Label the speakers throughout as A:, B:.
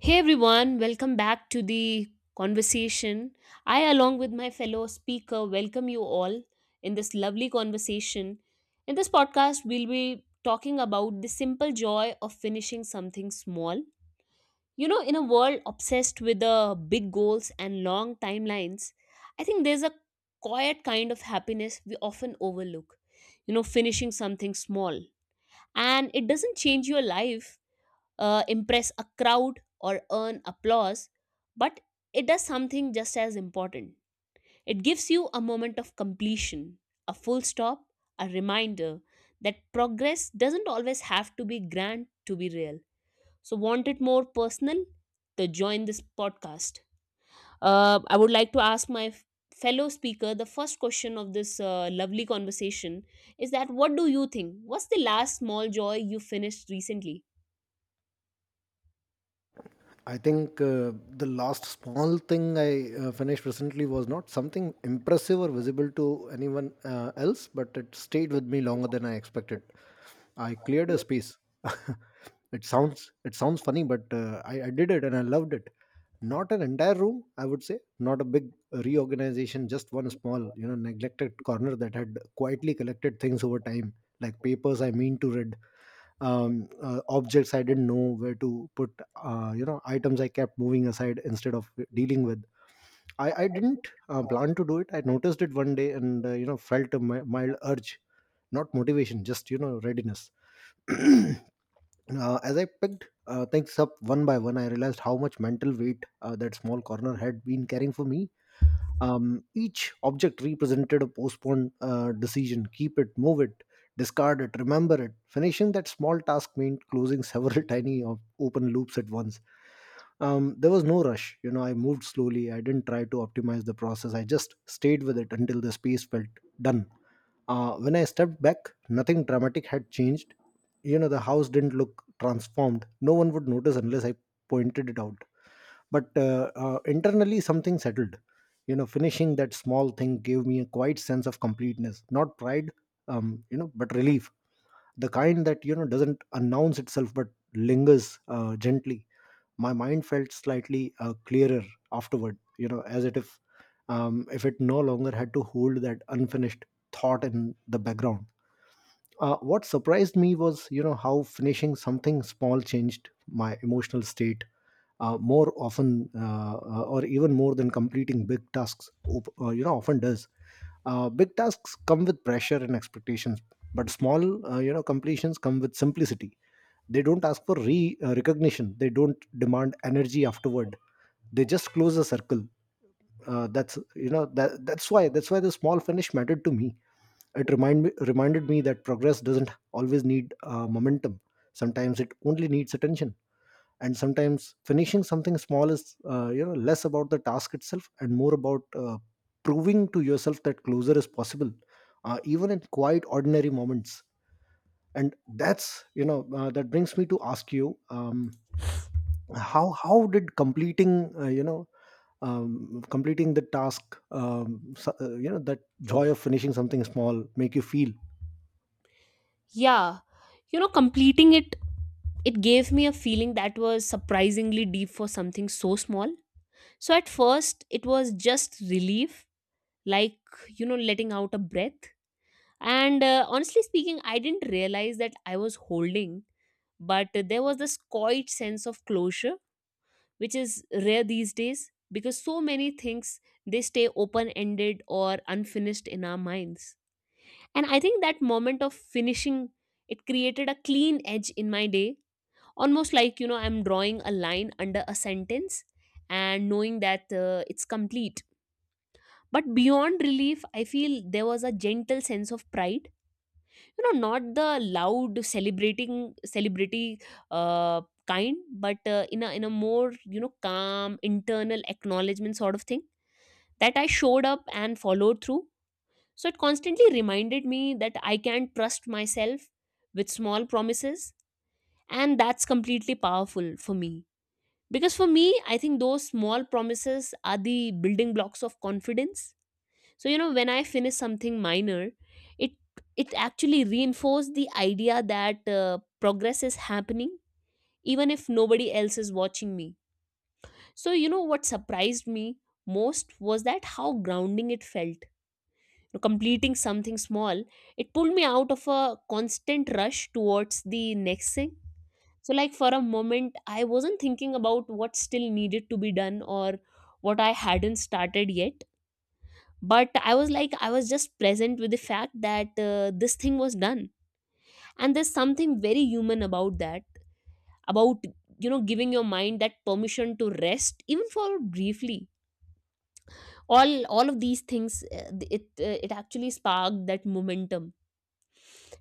A: Hey everyone, welcome back to the conversation. I, along with my fellow speaker, welcome you all in this lovely conversation. In this podcast, we'll be talking about the simple joy of finishing something small. You know, in a world obsessed with the big goals and long timelines, I think there's a quiet kind of happiness we often overlook. You know, finishing something small. And it doesn't change your life, impress a crowd or earn applause, but it does something just as important. It gives you a moment of completion, a full stop, a reminder that progress doesn't always have to be grand to be real. So, want it more personal? To join this podcast. I would like to ask my fellow speaker the first question of this lovely conversation is that what do you think? What's the last small joy you finished recently?
B: I think the last small thing I finished recently was not something impressive or visible to anyone else, but it stayed with me longer than I expected. I cleared a space. It sounds funny, but I did it and I loved it. Not an entire room, I would say. Not a big reorganization, just one small, neglected corner that had quietly collected things over time, like papers I mean to read, objects I didn't know where to put. Items I kept moving aside instead of dealing with. I didn't plan to do it. I noticed it one day and, felt a mild urge, not motivation, just, readiness. uh, as I picked things up one by one, I realized how much mental weight that small corner had been carrying for me. Each object represented a postponed decision: keep it, move it, discard it, remember it. Finishing that small task meant closing several tiny open loops at once. There was no rush. I moved slowly. I didn't try to optimize the process. I just stayed with it until the space felt done. When I stepped back, nothing dramatic had changed. The house didn't look transformed. No one would notice unless I pointed it out. But internally something settled. Finishing that small thing gave me a quiet sense of completeness, not pride, but relief, the kind that doesn't announce itself but lingers gently. My mind felt slightly clearer afterward, you know as it if it no longer had to hold that unfinished thought in the background. What surprised me was, how finishing something small changed my emotional state more often, or even more than completing big tasks often does. Big tasks come with pressure and expectations, but small, completions come with simplicity. They don't ask for re recognition. They don't demand energy afterward. They just close a circle. Uh, that's you know that that's why the small finish mattered to me. It reminded me that progress doesn't always need momentum. Sometimes it only needs attention. And sometimes finishing something small is less about the task itself and more about proving to yourself that closure is possible, even in quite ordinary moments. And that's you know uh, that brings me to ask you, how did completing, completing the task, that joy of finishing something small make you feel?
A: Yeah, you know, completing it, it gave me a feeling that was surprisingly deep for something so small. So at first, it was just relief, like, you know, letting out a breath. And honestly speaking, I didn't realize that I was holding, but there was this quiet sense of closure, which is rare these days because so many things they stay open ended or unfinished in our minds. And I think that moment of finishing, it created a clean edge in my day, almost like, you know, I'm drawing a line under a sentence and knowing that it's complete. But beyond relief, I feel there was a gentle sense of pride, you know, not the loud celebrating celebrity uh, kind, but in a more, you know, calm internal acknowledgement sort of thing that I showed up and followed through. So it constantly reminded me that I can trust myself with small promises, and that's completely powerful for me, because for me, I think those small promises are the building blocks of confidence. So, you know, when I finish something minor, it it actually reinforced the idea that progress is happening even if nobody else is watching me. So, you know, what surprised me most was that how grounding it felt. You know, completing something small, it pulled me out of a constant rush towards the next thing. So, like, for a moment, I wasn't thinking about what still needed to be done or what I hadn't started yet. But I was just present with the fact that this thing was done. And there's something very human about that, about, you know, giving your mind that permission to rest even for briefly. All of these things, it actually sparked that momentum.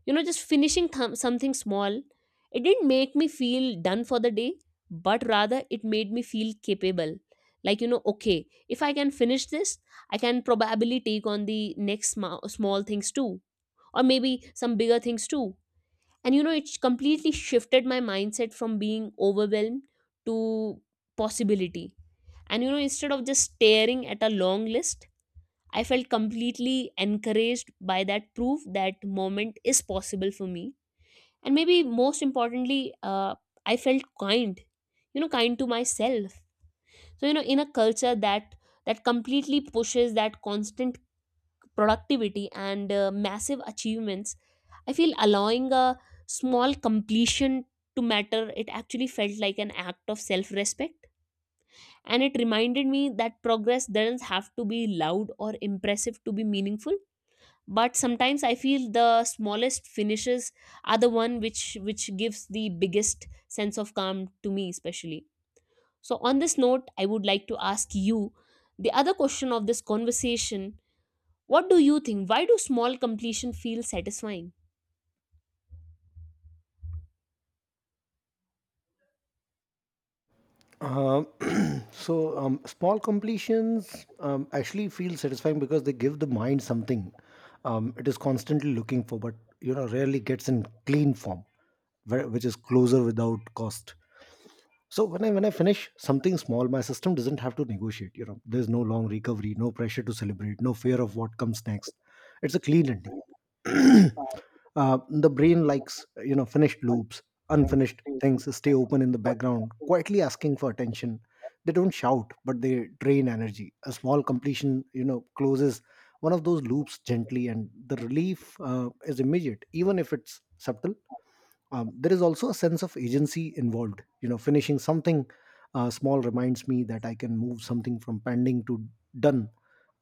A: You know, just finishing something small, it didn't make me feel done for the day, but rather it made me feel capable. Like, you know, okay, if I can finish this, I can probably take on the next small things too, or maybe some bigger things too. And, you know, it completely shifted my mindset from being overwhelmed to possibility. And, you know, instead of just staring at a long list, I felt completely encouraged by that proof that moment is possible for me. And maybe most importantly, I felt kind, you know, kind to myself. So, you know, in a culture that completely pushes that constant productivity and, massive achievements, I feel allowing a small completion to matter, it actually felt like an act of self respect. And it reminded me that progress doesn't have to be loud or impressive to be meaningful. But sometimes I feel the smallest finishes are the one which gives the biggest sense of calm to me especially. So on this note, I would like to ask you the other question of this conversation. What do you think? Why do small completion feel satisfying?
B: Um, Small completions actually feel satisfying because they give the mind something, it is constantly looking for, but rarely gets in clean form, which is closer without cost. So when I finish something small, my system doesn't have to negotiate. There's no long recovery, no pressure to celebrate, no fear of what comes next. It's a clean ending. The brain likes finished loops. Unfinished things stay open in the background, quietly asking for attention. They don't shout, but they drain energy. A small completion closes one of those loops gently, and the relief is immediate even if it's subtle. There is also a sense of agency involved. Finishing something small reminds me that I can move something from pending to done,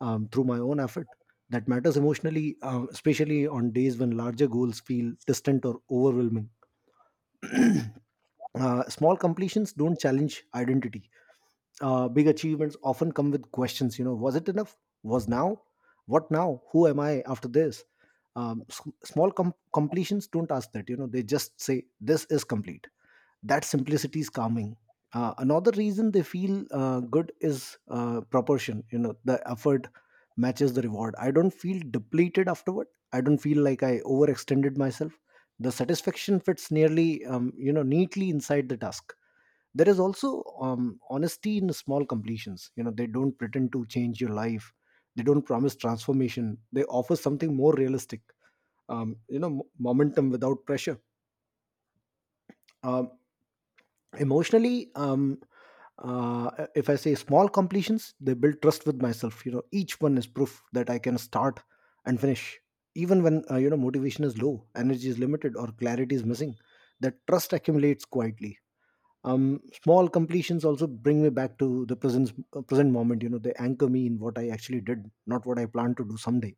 B: through my own effort. That matters emotionally, especially on days when larger goals feel distant or overwhelming. Small completions don't challenge identity. Uh, big achievements often come with questions. Was it enough? Was now? What now? Who am I after this? Completions don't ask that. They just say this is complete. That simplicity is calming. Uh, another reason they feel good is proportion. The effort matches the reward. I don't feel depleted afterward. I don't feel like I overextended myself. The satisfaction fits nearly you know neatly inside the task. There is also honesty in small completions. They don't pretend to change your life. They don't promise transformation. They offer something more realistic, momentum without pressure. Um emotionally uh, if I say small completions they build trust with myself. Each one is proof that I can start and finish, even when motivation is low, energy is limited, or clarity is missing. That trust accumulates quietly. Small completions also bring me back to the present moment. They anchor me in what I actually did, not what I plan to do someday.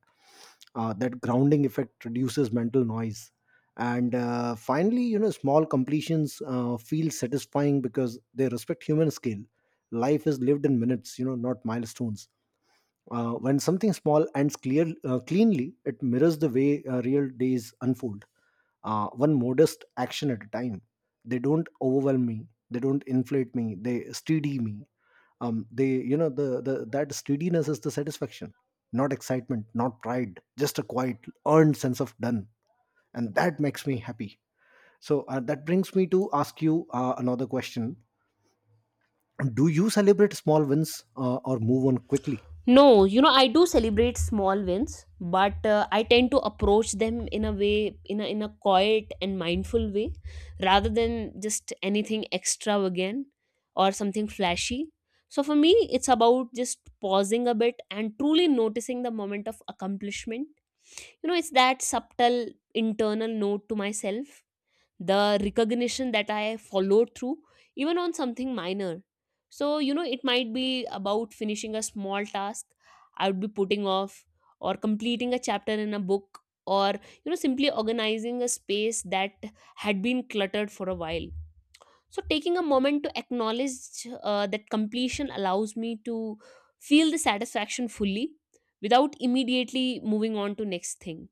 B: Uh, that grounding effect reduces mental noise. And finally, small completions feel satisfying because they respect human scale. Life is lived in minutes, not milestones. Uh, when something small ends clear cleanly, it mirrors the way real days unfold, one modest action at a time. They don't overwhelm me. They don't inflate me. They steady me. They, you know, the That steadiness is the satisfaction, not excitement, not pride, just a quiet, earned sense of done, and that makes me happy. So that brings me to ask you another question: do you celebrate small wins or move on quickly?
A: No, you know, I do celebrate small wins, but I tend to approach them in a way, in a quiet and mindful way, rather than just anything extravagant or something flashy. So for me, it's about just pausing a bit and truly noticing the moment of accomplishment. You know, it's that subtle internal note to myself, the recognition that I followed through, even on something minor. So, you know, it might be about finishing a small task I would be putting off, or completing a chapter in a book, or, you know, simply organizing a space that had been cluttered for a while. So, taking a moment to acknowledge that completion allows me to feel the satisfaction fully without immediately moving on to next thing.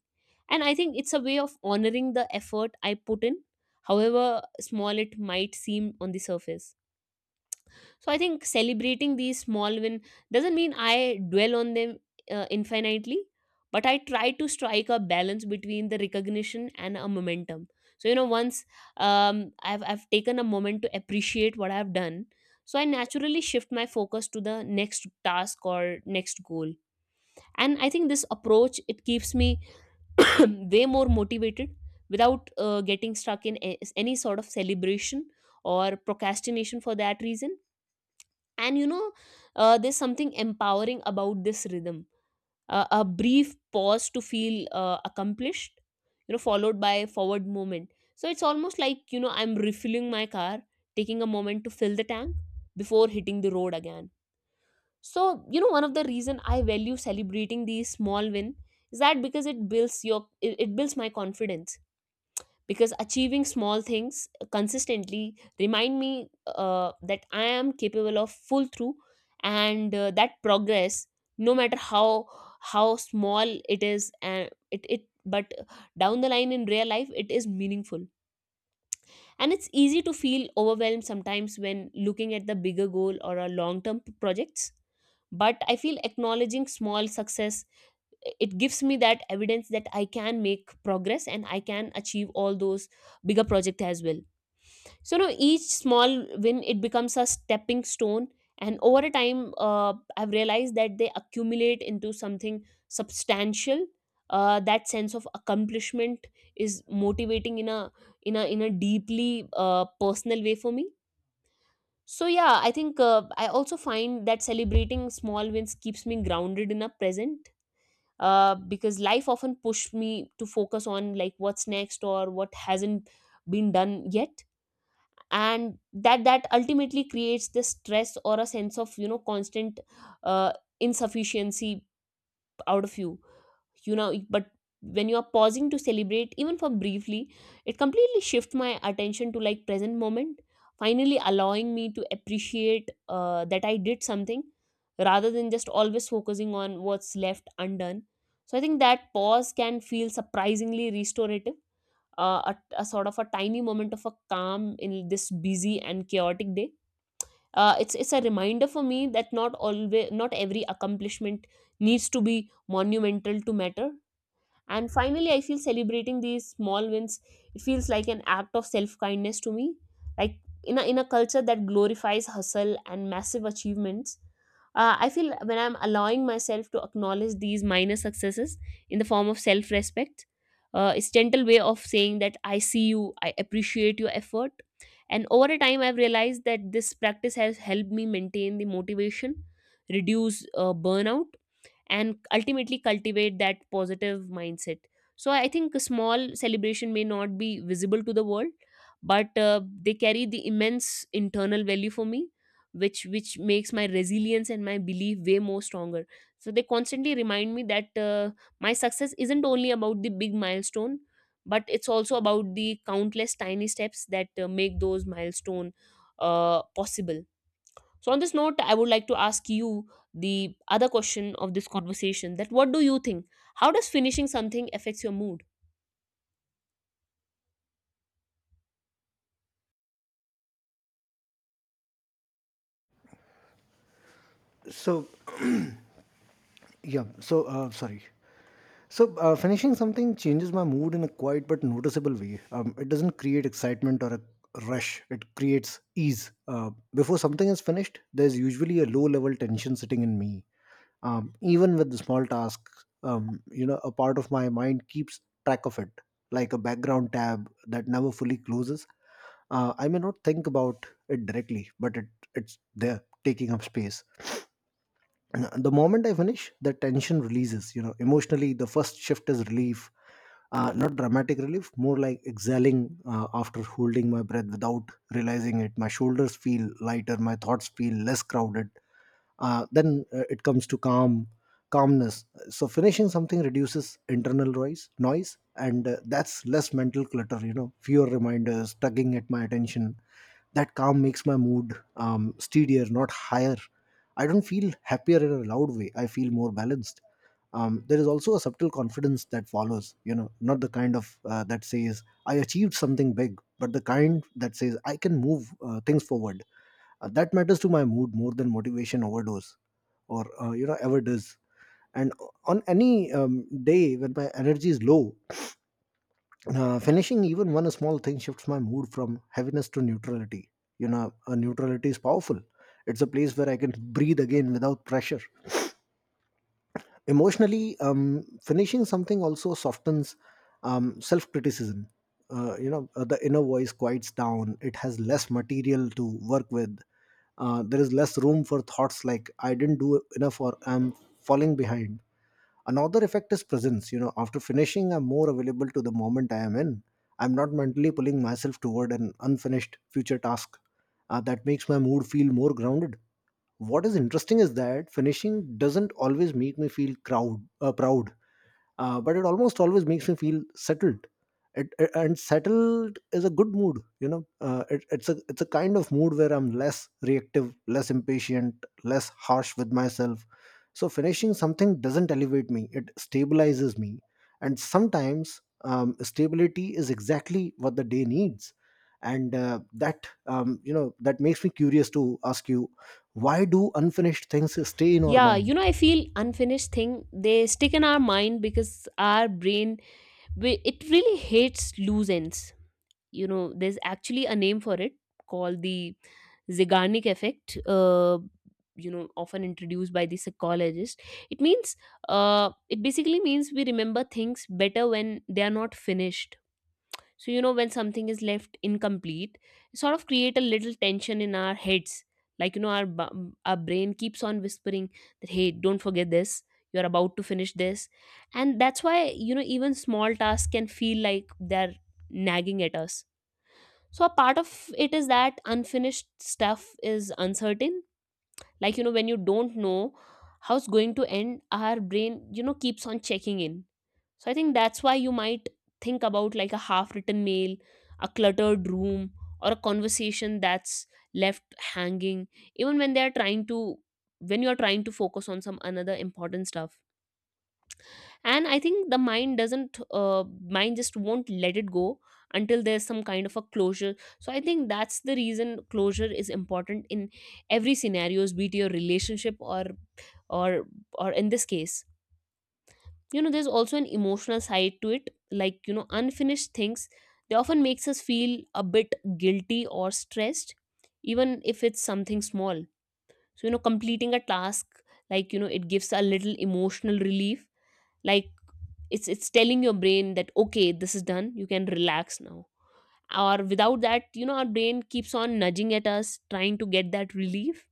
A: And I think it's a way of honoring the effort I put in, however small it might seem on the surface. So I think celebrating these small win doesn't mean I dwell on them infinitely, but I try to strike a balance between the recognition and a momentum. So, you know, once I've taken a moment to appreciate what I've done, so I naturally shift my focus to the next task or next goal. And I think this approach, it keeps me way more motivated without getting stuck in any sort of celebration or procrastination for that reason. And, you know, there's something empowering about this rhythm, a brief pause to feel accomplished, you know, followed by forward movement. So it's almost like, you know, I'm refilling my car, taking a moment to fill the tank before hitting the road again. So, you know, one of the reason I value celebrating these small win is that because it builds my confidence, because achieving small things consistently remind me that I am capable of full through, and that progress, no matter how small it is, and it but down the line in real life it is meaningful. And it's easy to feel overwhelmed sometimes when looking at the bigger goal or a long term projects, but I feel acknowledging small success, it gives me that evidence that I can make progress and I can achieve all those bigger projects as well. So now each small win, it becomes a stepping stone, and over a time, I've realized that they accumulate into something substantial. That sense of accomplishment is motivating in a deeply, personal way for me. So, yeah, I think I also find that celebrating small wins keeps me grounded in a present, because life often pushed me to focus on, like, what's next or what hasn't been done yet. And that ultimately creates this stress or a sense of, you know, constant, uh, insufficiency out of you. You know, but when you are pausing to celebrate even for briefly, it completely shifts my attention to, like, present moment, finally allowing me to appreciate that I did something rather than just always focusing on what's left undone. So I think that pause can feel surprisingly restorative, a sort of a tiny moment of a calm in this busy and chaotic day. It's a reminder for me that not always, not every accomplishment needs to be monumental to matter. And finally, I feel celebrating these small wins, it feels like an act of self kindness to me. Like in a culture that glorifies hustle and massive achievements, I feel when I'm allowing myself to acknowledge these minor successes in the form of self respect, it's gentle way of saying that I see you, I appreciate your effort. And over a time, I've realized that this practice has helped me maintain the motivation, reduce burnout, and ultimately cultivate that positive mindset. So I think a small celebration may not be visible to the world, but they carry the immense internal value for me, which makes my resilience and my belief way more stronger. So they constantly remind me that my success isn't only about the big milestone, but it's also about the countless tiny steps that make those milestone possible. So on this note, I would like to ask you the other question of this conversation. That, what do you think? How does finishing something affects your mood?
B: So, yeah. So sorry. So, finishing something changes my mood in a quiet but noticeable way. It doesn't create excitement or a rush, it creates ease. Before something is finished, there's usually a low level tension sitting in me. Even with the small tasks, you know, a part of my mind keeps track of it, like a background tab that never fully closes. I may not think about it directly, but it's there taking up space. The moment I finish, the tension releases. Emotionally, the first shift is relief, not dramatic relief, more like exhaling after holding my breath without realizing it. My shoulders feel lighter, my thoughts feel less crowded. Then it comes to calmness. So finishing something reduces internal noise, and that's less mental clutter. Fewer reminders tugging at my attention. That calm makes my mood steadier, not higher. I don't feel happier in a loud way. I feel more balanced. There is also a subtle confidence that follows, you know, not the kind of that says, I achieved something big, but the kind that says, I can move things forward. That matters to my mood more than motivation overdose or, ever does. And on any day when my energy is low, finishing even one small thing shifts my mood from heaviness to neutrality. You know, a neutrality is powerful. It's a place where I can breathe again without pressure. Emotionally, finishing something also softens self-criticism. The inner voice quiets down. It has less material to work with. Uh, there is less room for thoughts like I didn't do enough or I'm falling behind. Another effect is presence. After finishing, I'm more available to the moment I am in. I'm not mentally pulling myself toward an unfinished future task. Uh, that makes my mood feel more grounded. What is interesting is that finishing doesn't always make me feel crowd proud, but it almost always makes me feel settled. And settled is a good mood. It's a kind of mood where I'm less reactive, less impatient, less harsh with myself. So finishing something doesn't elevate me, it stabilizes me. And sometimes stability is exactly what the day needs. And that you know that makes me curious to ask you, why do unfinished things stay in our
A: Yeah, you
B: mind?
A: know, I feel unfinished thing they stick in our mind because our brain it really hates loose ends. You know, there's actually a name for it called the Zeigarnik effect. You know, often introduced by the psychologist. It means, it basically means we remember things better when they are not finished. So you know, when something is left incomplete, it sort of create a little tension in our heads, like you know, our our brain keeps on whispering that hey, don't forget this, you're about to finish this. And that's why you know, even small tasks can feel like they're nagging at us. So a part of it is that unfinished stuff is uncertain, like you know, when you don't know how's going to end, our brain, you know, keeps on checking in. So I think that's why you might think about like a half written mail, a cluttered room, or a conversation that's left hanging, even when they are trying to, when you are trying to focus on some another important stuff. And I think the mind doesn't, mind just won't let it go until there's some kind of a closure. So I think that's the reason closure is important in every scenarios, be it your relationship, or or in this case. You know, there's also an emotional side to it, like you know, unfinished things, they often makes us feel a bit guilty or stressed, even if it's something small. So you know, completing a task, like you know, it gives a little emotional relief, like it's telling your brain that okay, this is done, you can relax now. Or without that, you know, our brain keeps on nudging at us trying to get that relief.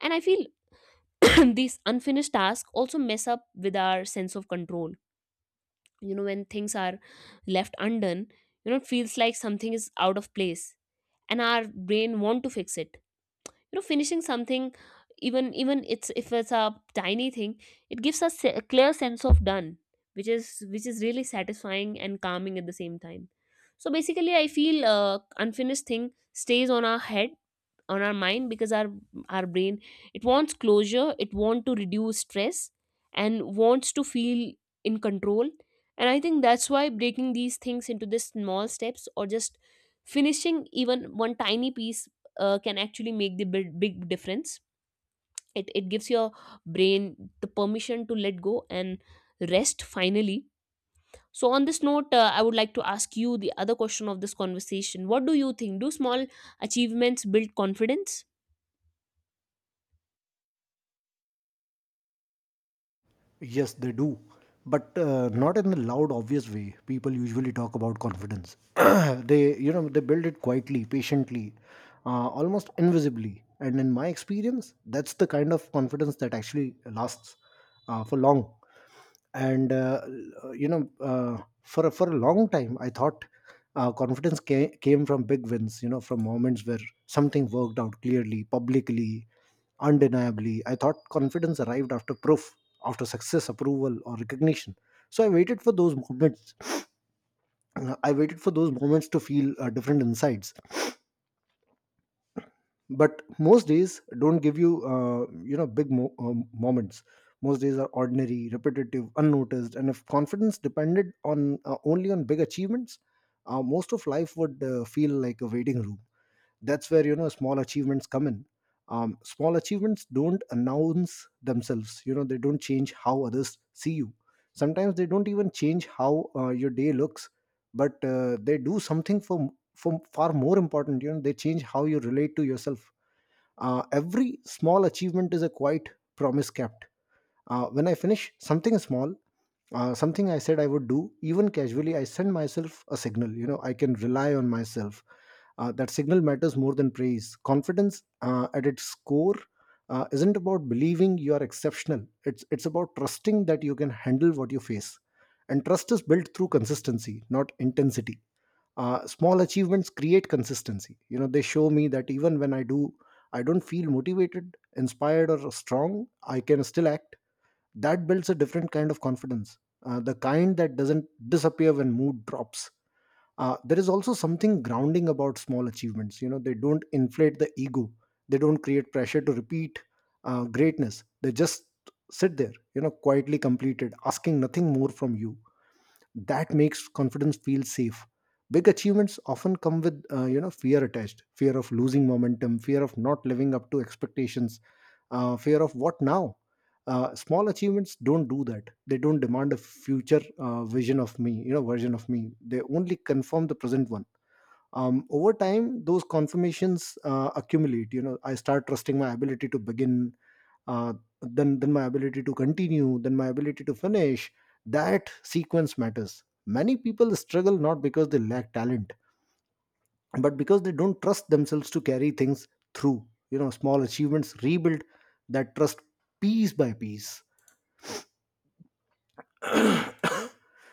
A: And I feel these unfinished tasks also mess up with our sense of control. You know, when things are left undone, you know, it feels like something is out of place, and our brain want to fix it. You know, finishing something, even even it's if it's a tiny thing, it gives us a clear sense of done, which is really satisfying and calming at the same time. So basically I feel unfinished thing stays on our head, on our mind, because our brain, it wants closure, it wants to reduce stress, and wants to feel in control. And I think that's why breaking these things into the small steps, or just finishing even one tiny piece, can actually make the big, big difference. It gives your brain the permission to let go and rest finally. So on this note, I would like to ask you the other question of this conversation. What do you think, do small achievements build confidence?
B: Yes, they do, but not in the loud, obvious way people usually talk about confidence. They build it quietly, patiently, almost invisibly. And in my experience, that's the kind of confidence that actually lasts for long and you know uh, for a long time I thought, confidence came from big wins, you know, from moments where something worked out clearly, publicly, undeniably. I thought confidence arrived after proof, after success, approval or recognition. So I waited for those moments. I waited for those moments to feel different insides. But most days don't give you you know, moments. Most days are ordinary, repetitive, unnoticed, and if confidence depended on, only on big achievements, most of life would feel like a waiting room. That's where, you know, small achievements come in. Small achievements don't announce themselves. You know, they don't change how others see you. Sometimes they don't even change how your day looks. But they do something for far more important. You know, they change how you relate to yourself. Every small achievement is a quiet promise kept. When I finish something small, something I said I would do, even casually, I send myself a signal. You know, I can rely on myself. That signal matters more than praise. Confidence, at its core, isn't about believing you are exceptional. It's about trusting that you can handle what you face, and trust is built through consistency, not intensity. Small achievements create consistency. You know, they show me that even when I don't feel motivated, inspired or strong, I can still act. That builds a different kind of confidence, the kind that doesn't disappear when mood drops. There is also something grounding about small achievements. You know, they don't inflate the ego, they don't create pressure to repeat greatness. They just sit there, you know, quietly completed, asking nothing more from you. That makes confidence feel safe. Big achievements often come with you know, fear attached: fear of losing momentum, fear of not living up to expectations, fear of what now. Small achievements don't do that. They don't demand a future vision of me you know version of me. They only confirm the present one. Over time those confirmations accumulate. You know, I start trusting my ability to begin, uh, then my ability to continue, then my ability to finish. That sequence matters. Many people struggle not because they lack talent, but because they don't trust themselves to carry things through. You know, small achievements rebuild that trust piece by piece.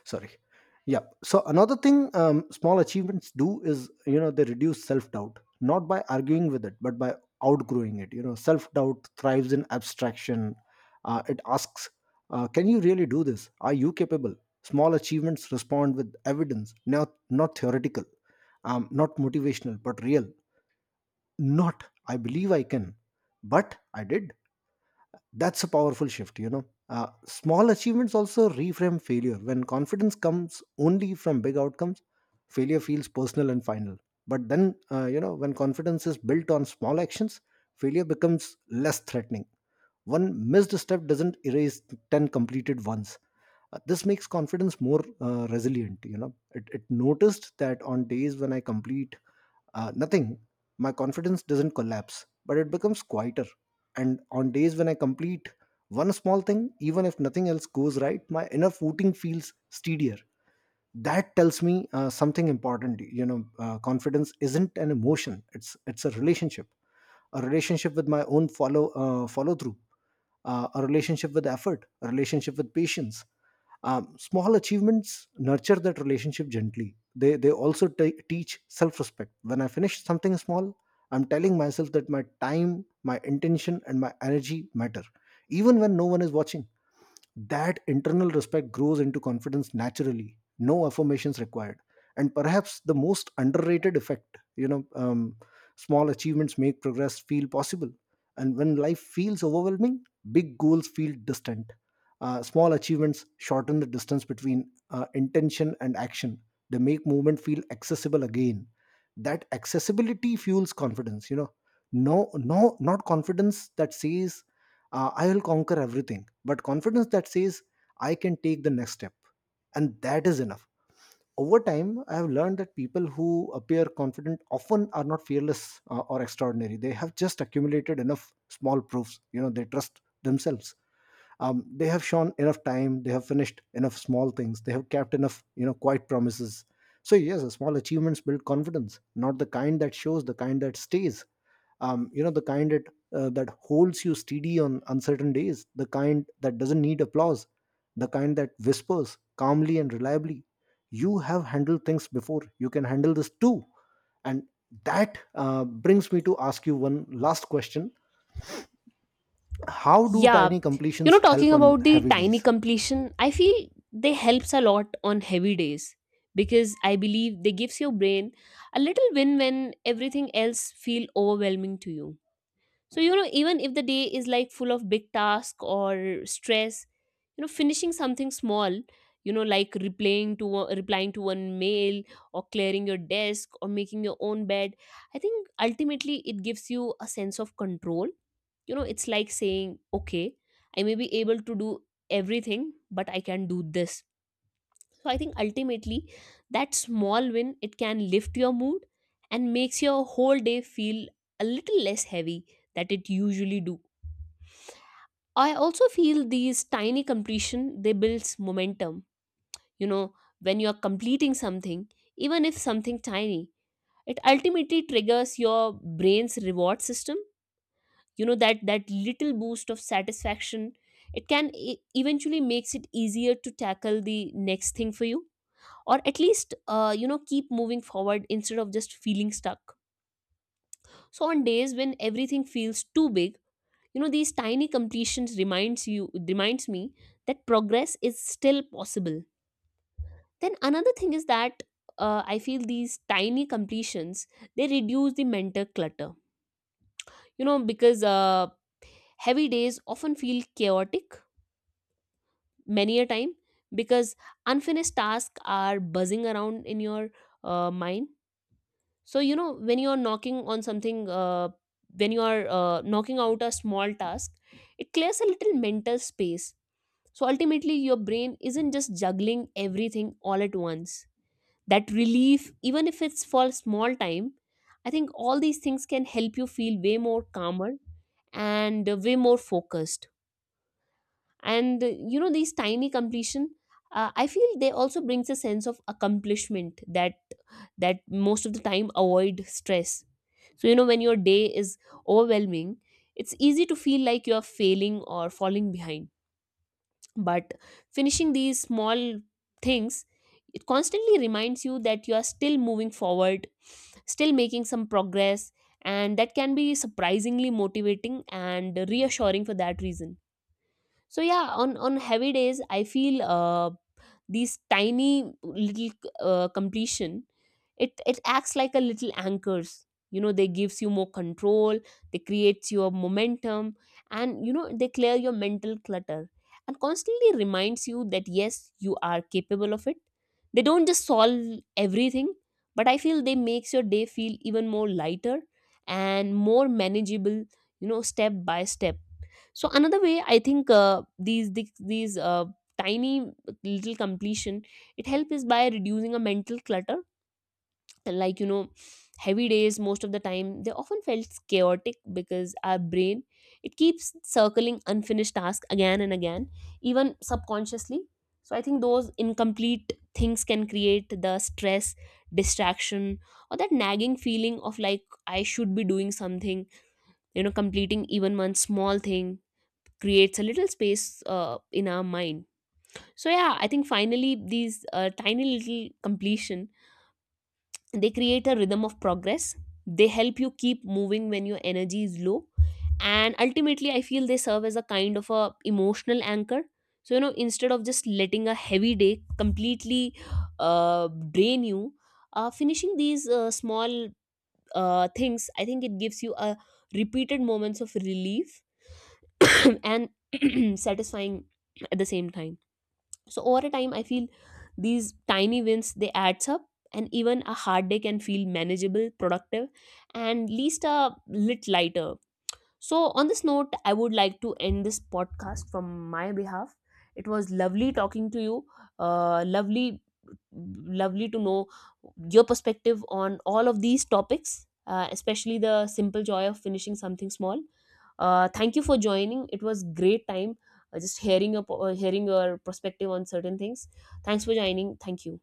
B: Sorry. Yeah, so another thing small achievements do is, you know, they reduce self-doubt, not by arguing with it, but by outgrowing it. You know, self-doubt thrives in abstraction. It asks, can you really do this, are you capable? Small achievements respond with evidence, not theoretical, not motivational, but real. Not "I believe I can," but "I did." That's a powerful shift, you know. Small achievements also reframe failure. When confidence comes only from big outcomes, failure feels personal and final. But then, you know, when confidence is built on small actions, failure becomes less threatening. One missed step doesn't erase 10 completed ones. This makes confidence more resilient, you know. It noticed that on days when I complete nothing, my confidence doesn't collapse, but it becomes quieter. And on days when I complete one small thing, even if nothing else goes right, my inner footing feels steadier. That tells me something important. You know, confidence isn't an emotion; it's a relationship, a relationship with my own follow through, a relationship with effort, a relationship with patience. Small achievements nurture that relationship gently. They also teach self respect. When I finish something small, I'm telling myself that my time, my intention and my energy matter, even when no one is watching. That internal respect grows into confidence naturally, no affirmations required. And perhaps the most underrated effect, you know, small achievements make progress feel possible. And when life feels overwhelming, big goals feel distant. Small achievements shorten the distance between intention and action. They make movement feel accessible again. That accessibility fuels confidence, you know, no not confidence that says "I will conquer everything," but confidence that says "I can take the next step." And that is enough. Over time, I have learned that people who appear confident often are not fearless or extraordinary. They have just accumulated enough small proofs. You know, they trust themselves. They have shown enough time. They have finished enough small things. They have kept enough, you know, quiet promises. So yes, small achievements build confidence, not the kind that shows, the kind that stays, you know, the kind that holds you steady on uncertain days, the kind that doesn't need applause, the kind that whispers calmly and reliably, "You have handled things before, you can handle this too." And that brings me to ask you one last question: how do
A: Yeah,
B: tiny
A: you
B: completions
A: know, talking
B: help on
A: about the
B: heavy
A: tiny
B: days?
A: completion, I feel they helps a lot on heavy days because I believe they gives your brain a little win when everything else feel overwhelming to you. So, you know, even if the day is like full of big task or stress, you know, finishing something small, you know, like replying to replying to one mail, or clearing your desk, or making your own bed, I think ultimately it gives you a sense of control. You know, it's like saying, okay, I may be able to do everything, but I can do this. So I think ultimately that small win, it can lift your mood and makes your whole day feel a little less heavy, that it usually do. I also feel these tiny completion, they builds momentum. You know, when you're completing something, even if something tiny, it ultimately triggers your brain's reward system. You know, that that little boost of satisfaction, it can eventually makes it easier to tackle the next thing for you, or at least you know, keep moving forward instead of just feeling stuck. So on days when everything feels too big, you know, these tiny completions reminds you, reminds me that progress is still possible. Then another thing is that I feel these tiny completions, they reduce the mental clutter. You know, because heavy days often feel chaotic many a time, because unfinished tasks are buzzing around in your mind. So you know, when you are knocking on something, when you are knocking out a small task, it clears a little mental space, so ultimately your brain isn't just juggling everything all at once. That relief, even if it's for a small time, I think all these things can help you feel way more calmer and way more focused. And you know, these tiny completion, I feel they also brings a sense of accomplishment that that most of the time avoid stress. So you know, when your day is overwhelming, it's easy to feel like you are failing or falling behind, but finishing these small things, it constantly reminds you that you are still moving forward, still making some progress. And that can be surprisingly motivating and reassuring for that reason. So yeah, on heavy days, I feel these tiny little completion, it acts like a little anchors. You know, they gives you more control, they creates your momentum, and you know, they clear your mental clutter, and constantly reminds you that yes, you are capable of it. They don't just solve everything, but I feel they makes your day feel even more lighter and more manageable, you know, step by step. So another way I think these tiny little completion it helps is by reducing a mental clutter. Like you know, heavy days most of the time, they often felt chaotic because our brain, it keeps circling unfinished tasks again and again, even subconsciously. So I think those incomplete things can create the stress, distraction, or that nagging feeling of like I should be doing something. You know, completing even one small thing creates a little space in our mind. So yeah, I think finally these tiny little completion, they create a rhythm of progress, they help you keep moving when your energy is low, and ultimately I feel they serve as a kind of a emotional anchor. So you know, instead of just letting a heavy day completely uh, drain you, finishing these small things, I think it gives you a repeated moments of relief, and satisfying at the same time. So over a time I feel these tiny wins, they adds up, and even a hard day can feel manageable, productive, and least a lit lighter So, on this note, I would like to end this podcast from my behalf. It was lovely talking to you. Lovely, lovely to know your perspective on all of these topics, especially the simple joy of finishing something small. Thank you for joining. It was great time just hearing your hearing your perspective on certain things. Thanks for joining. Thank you.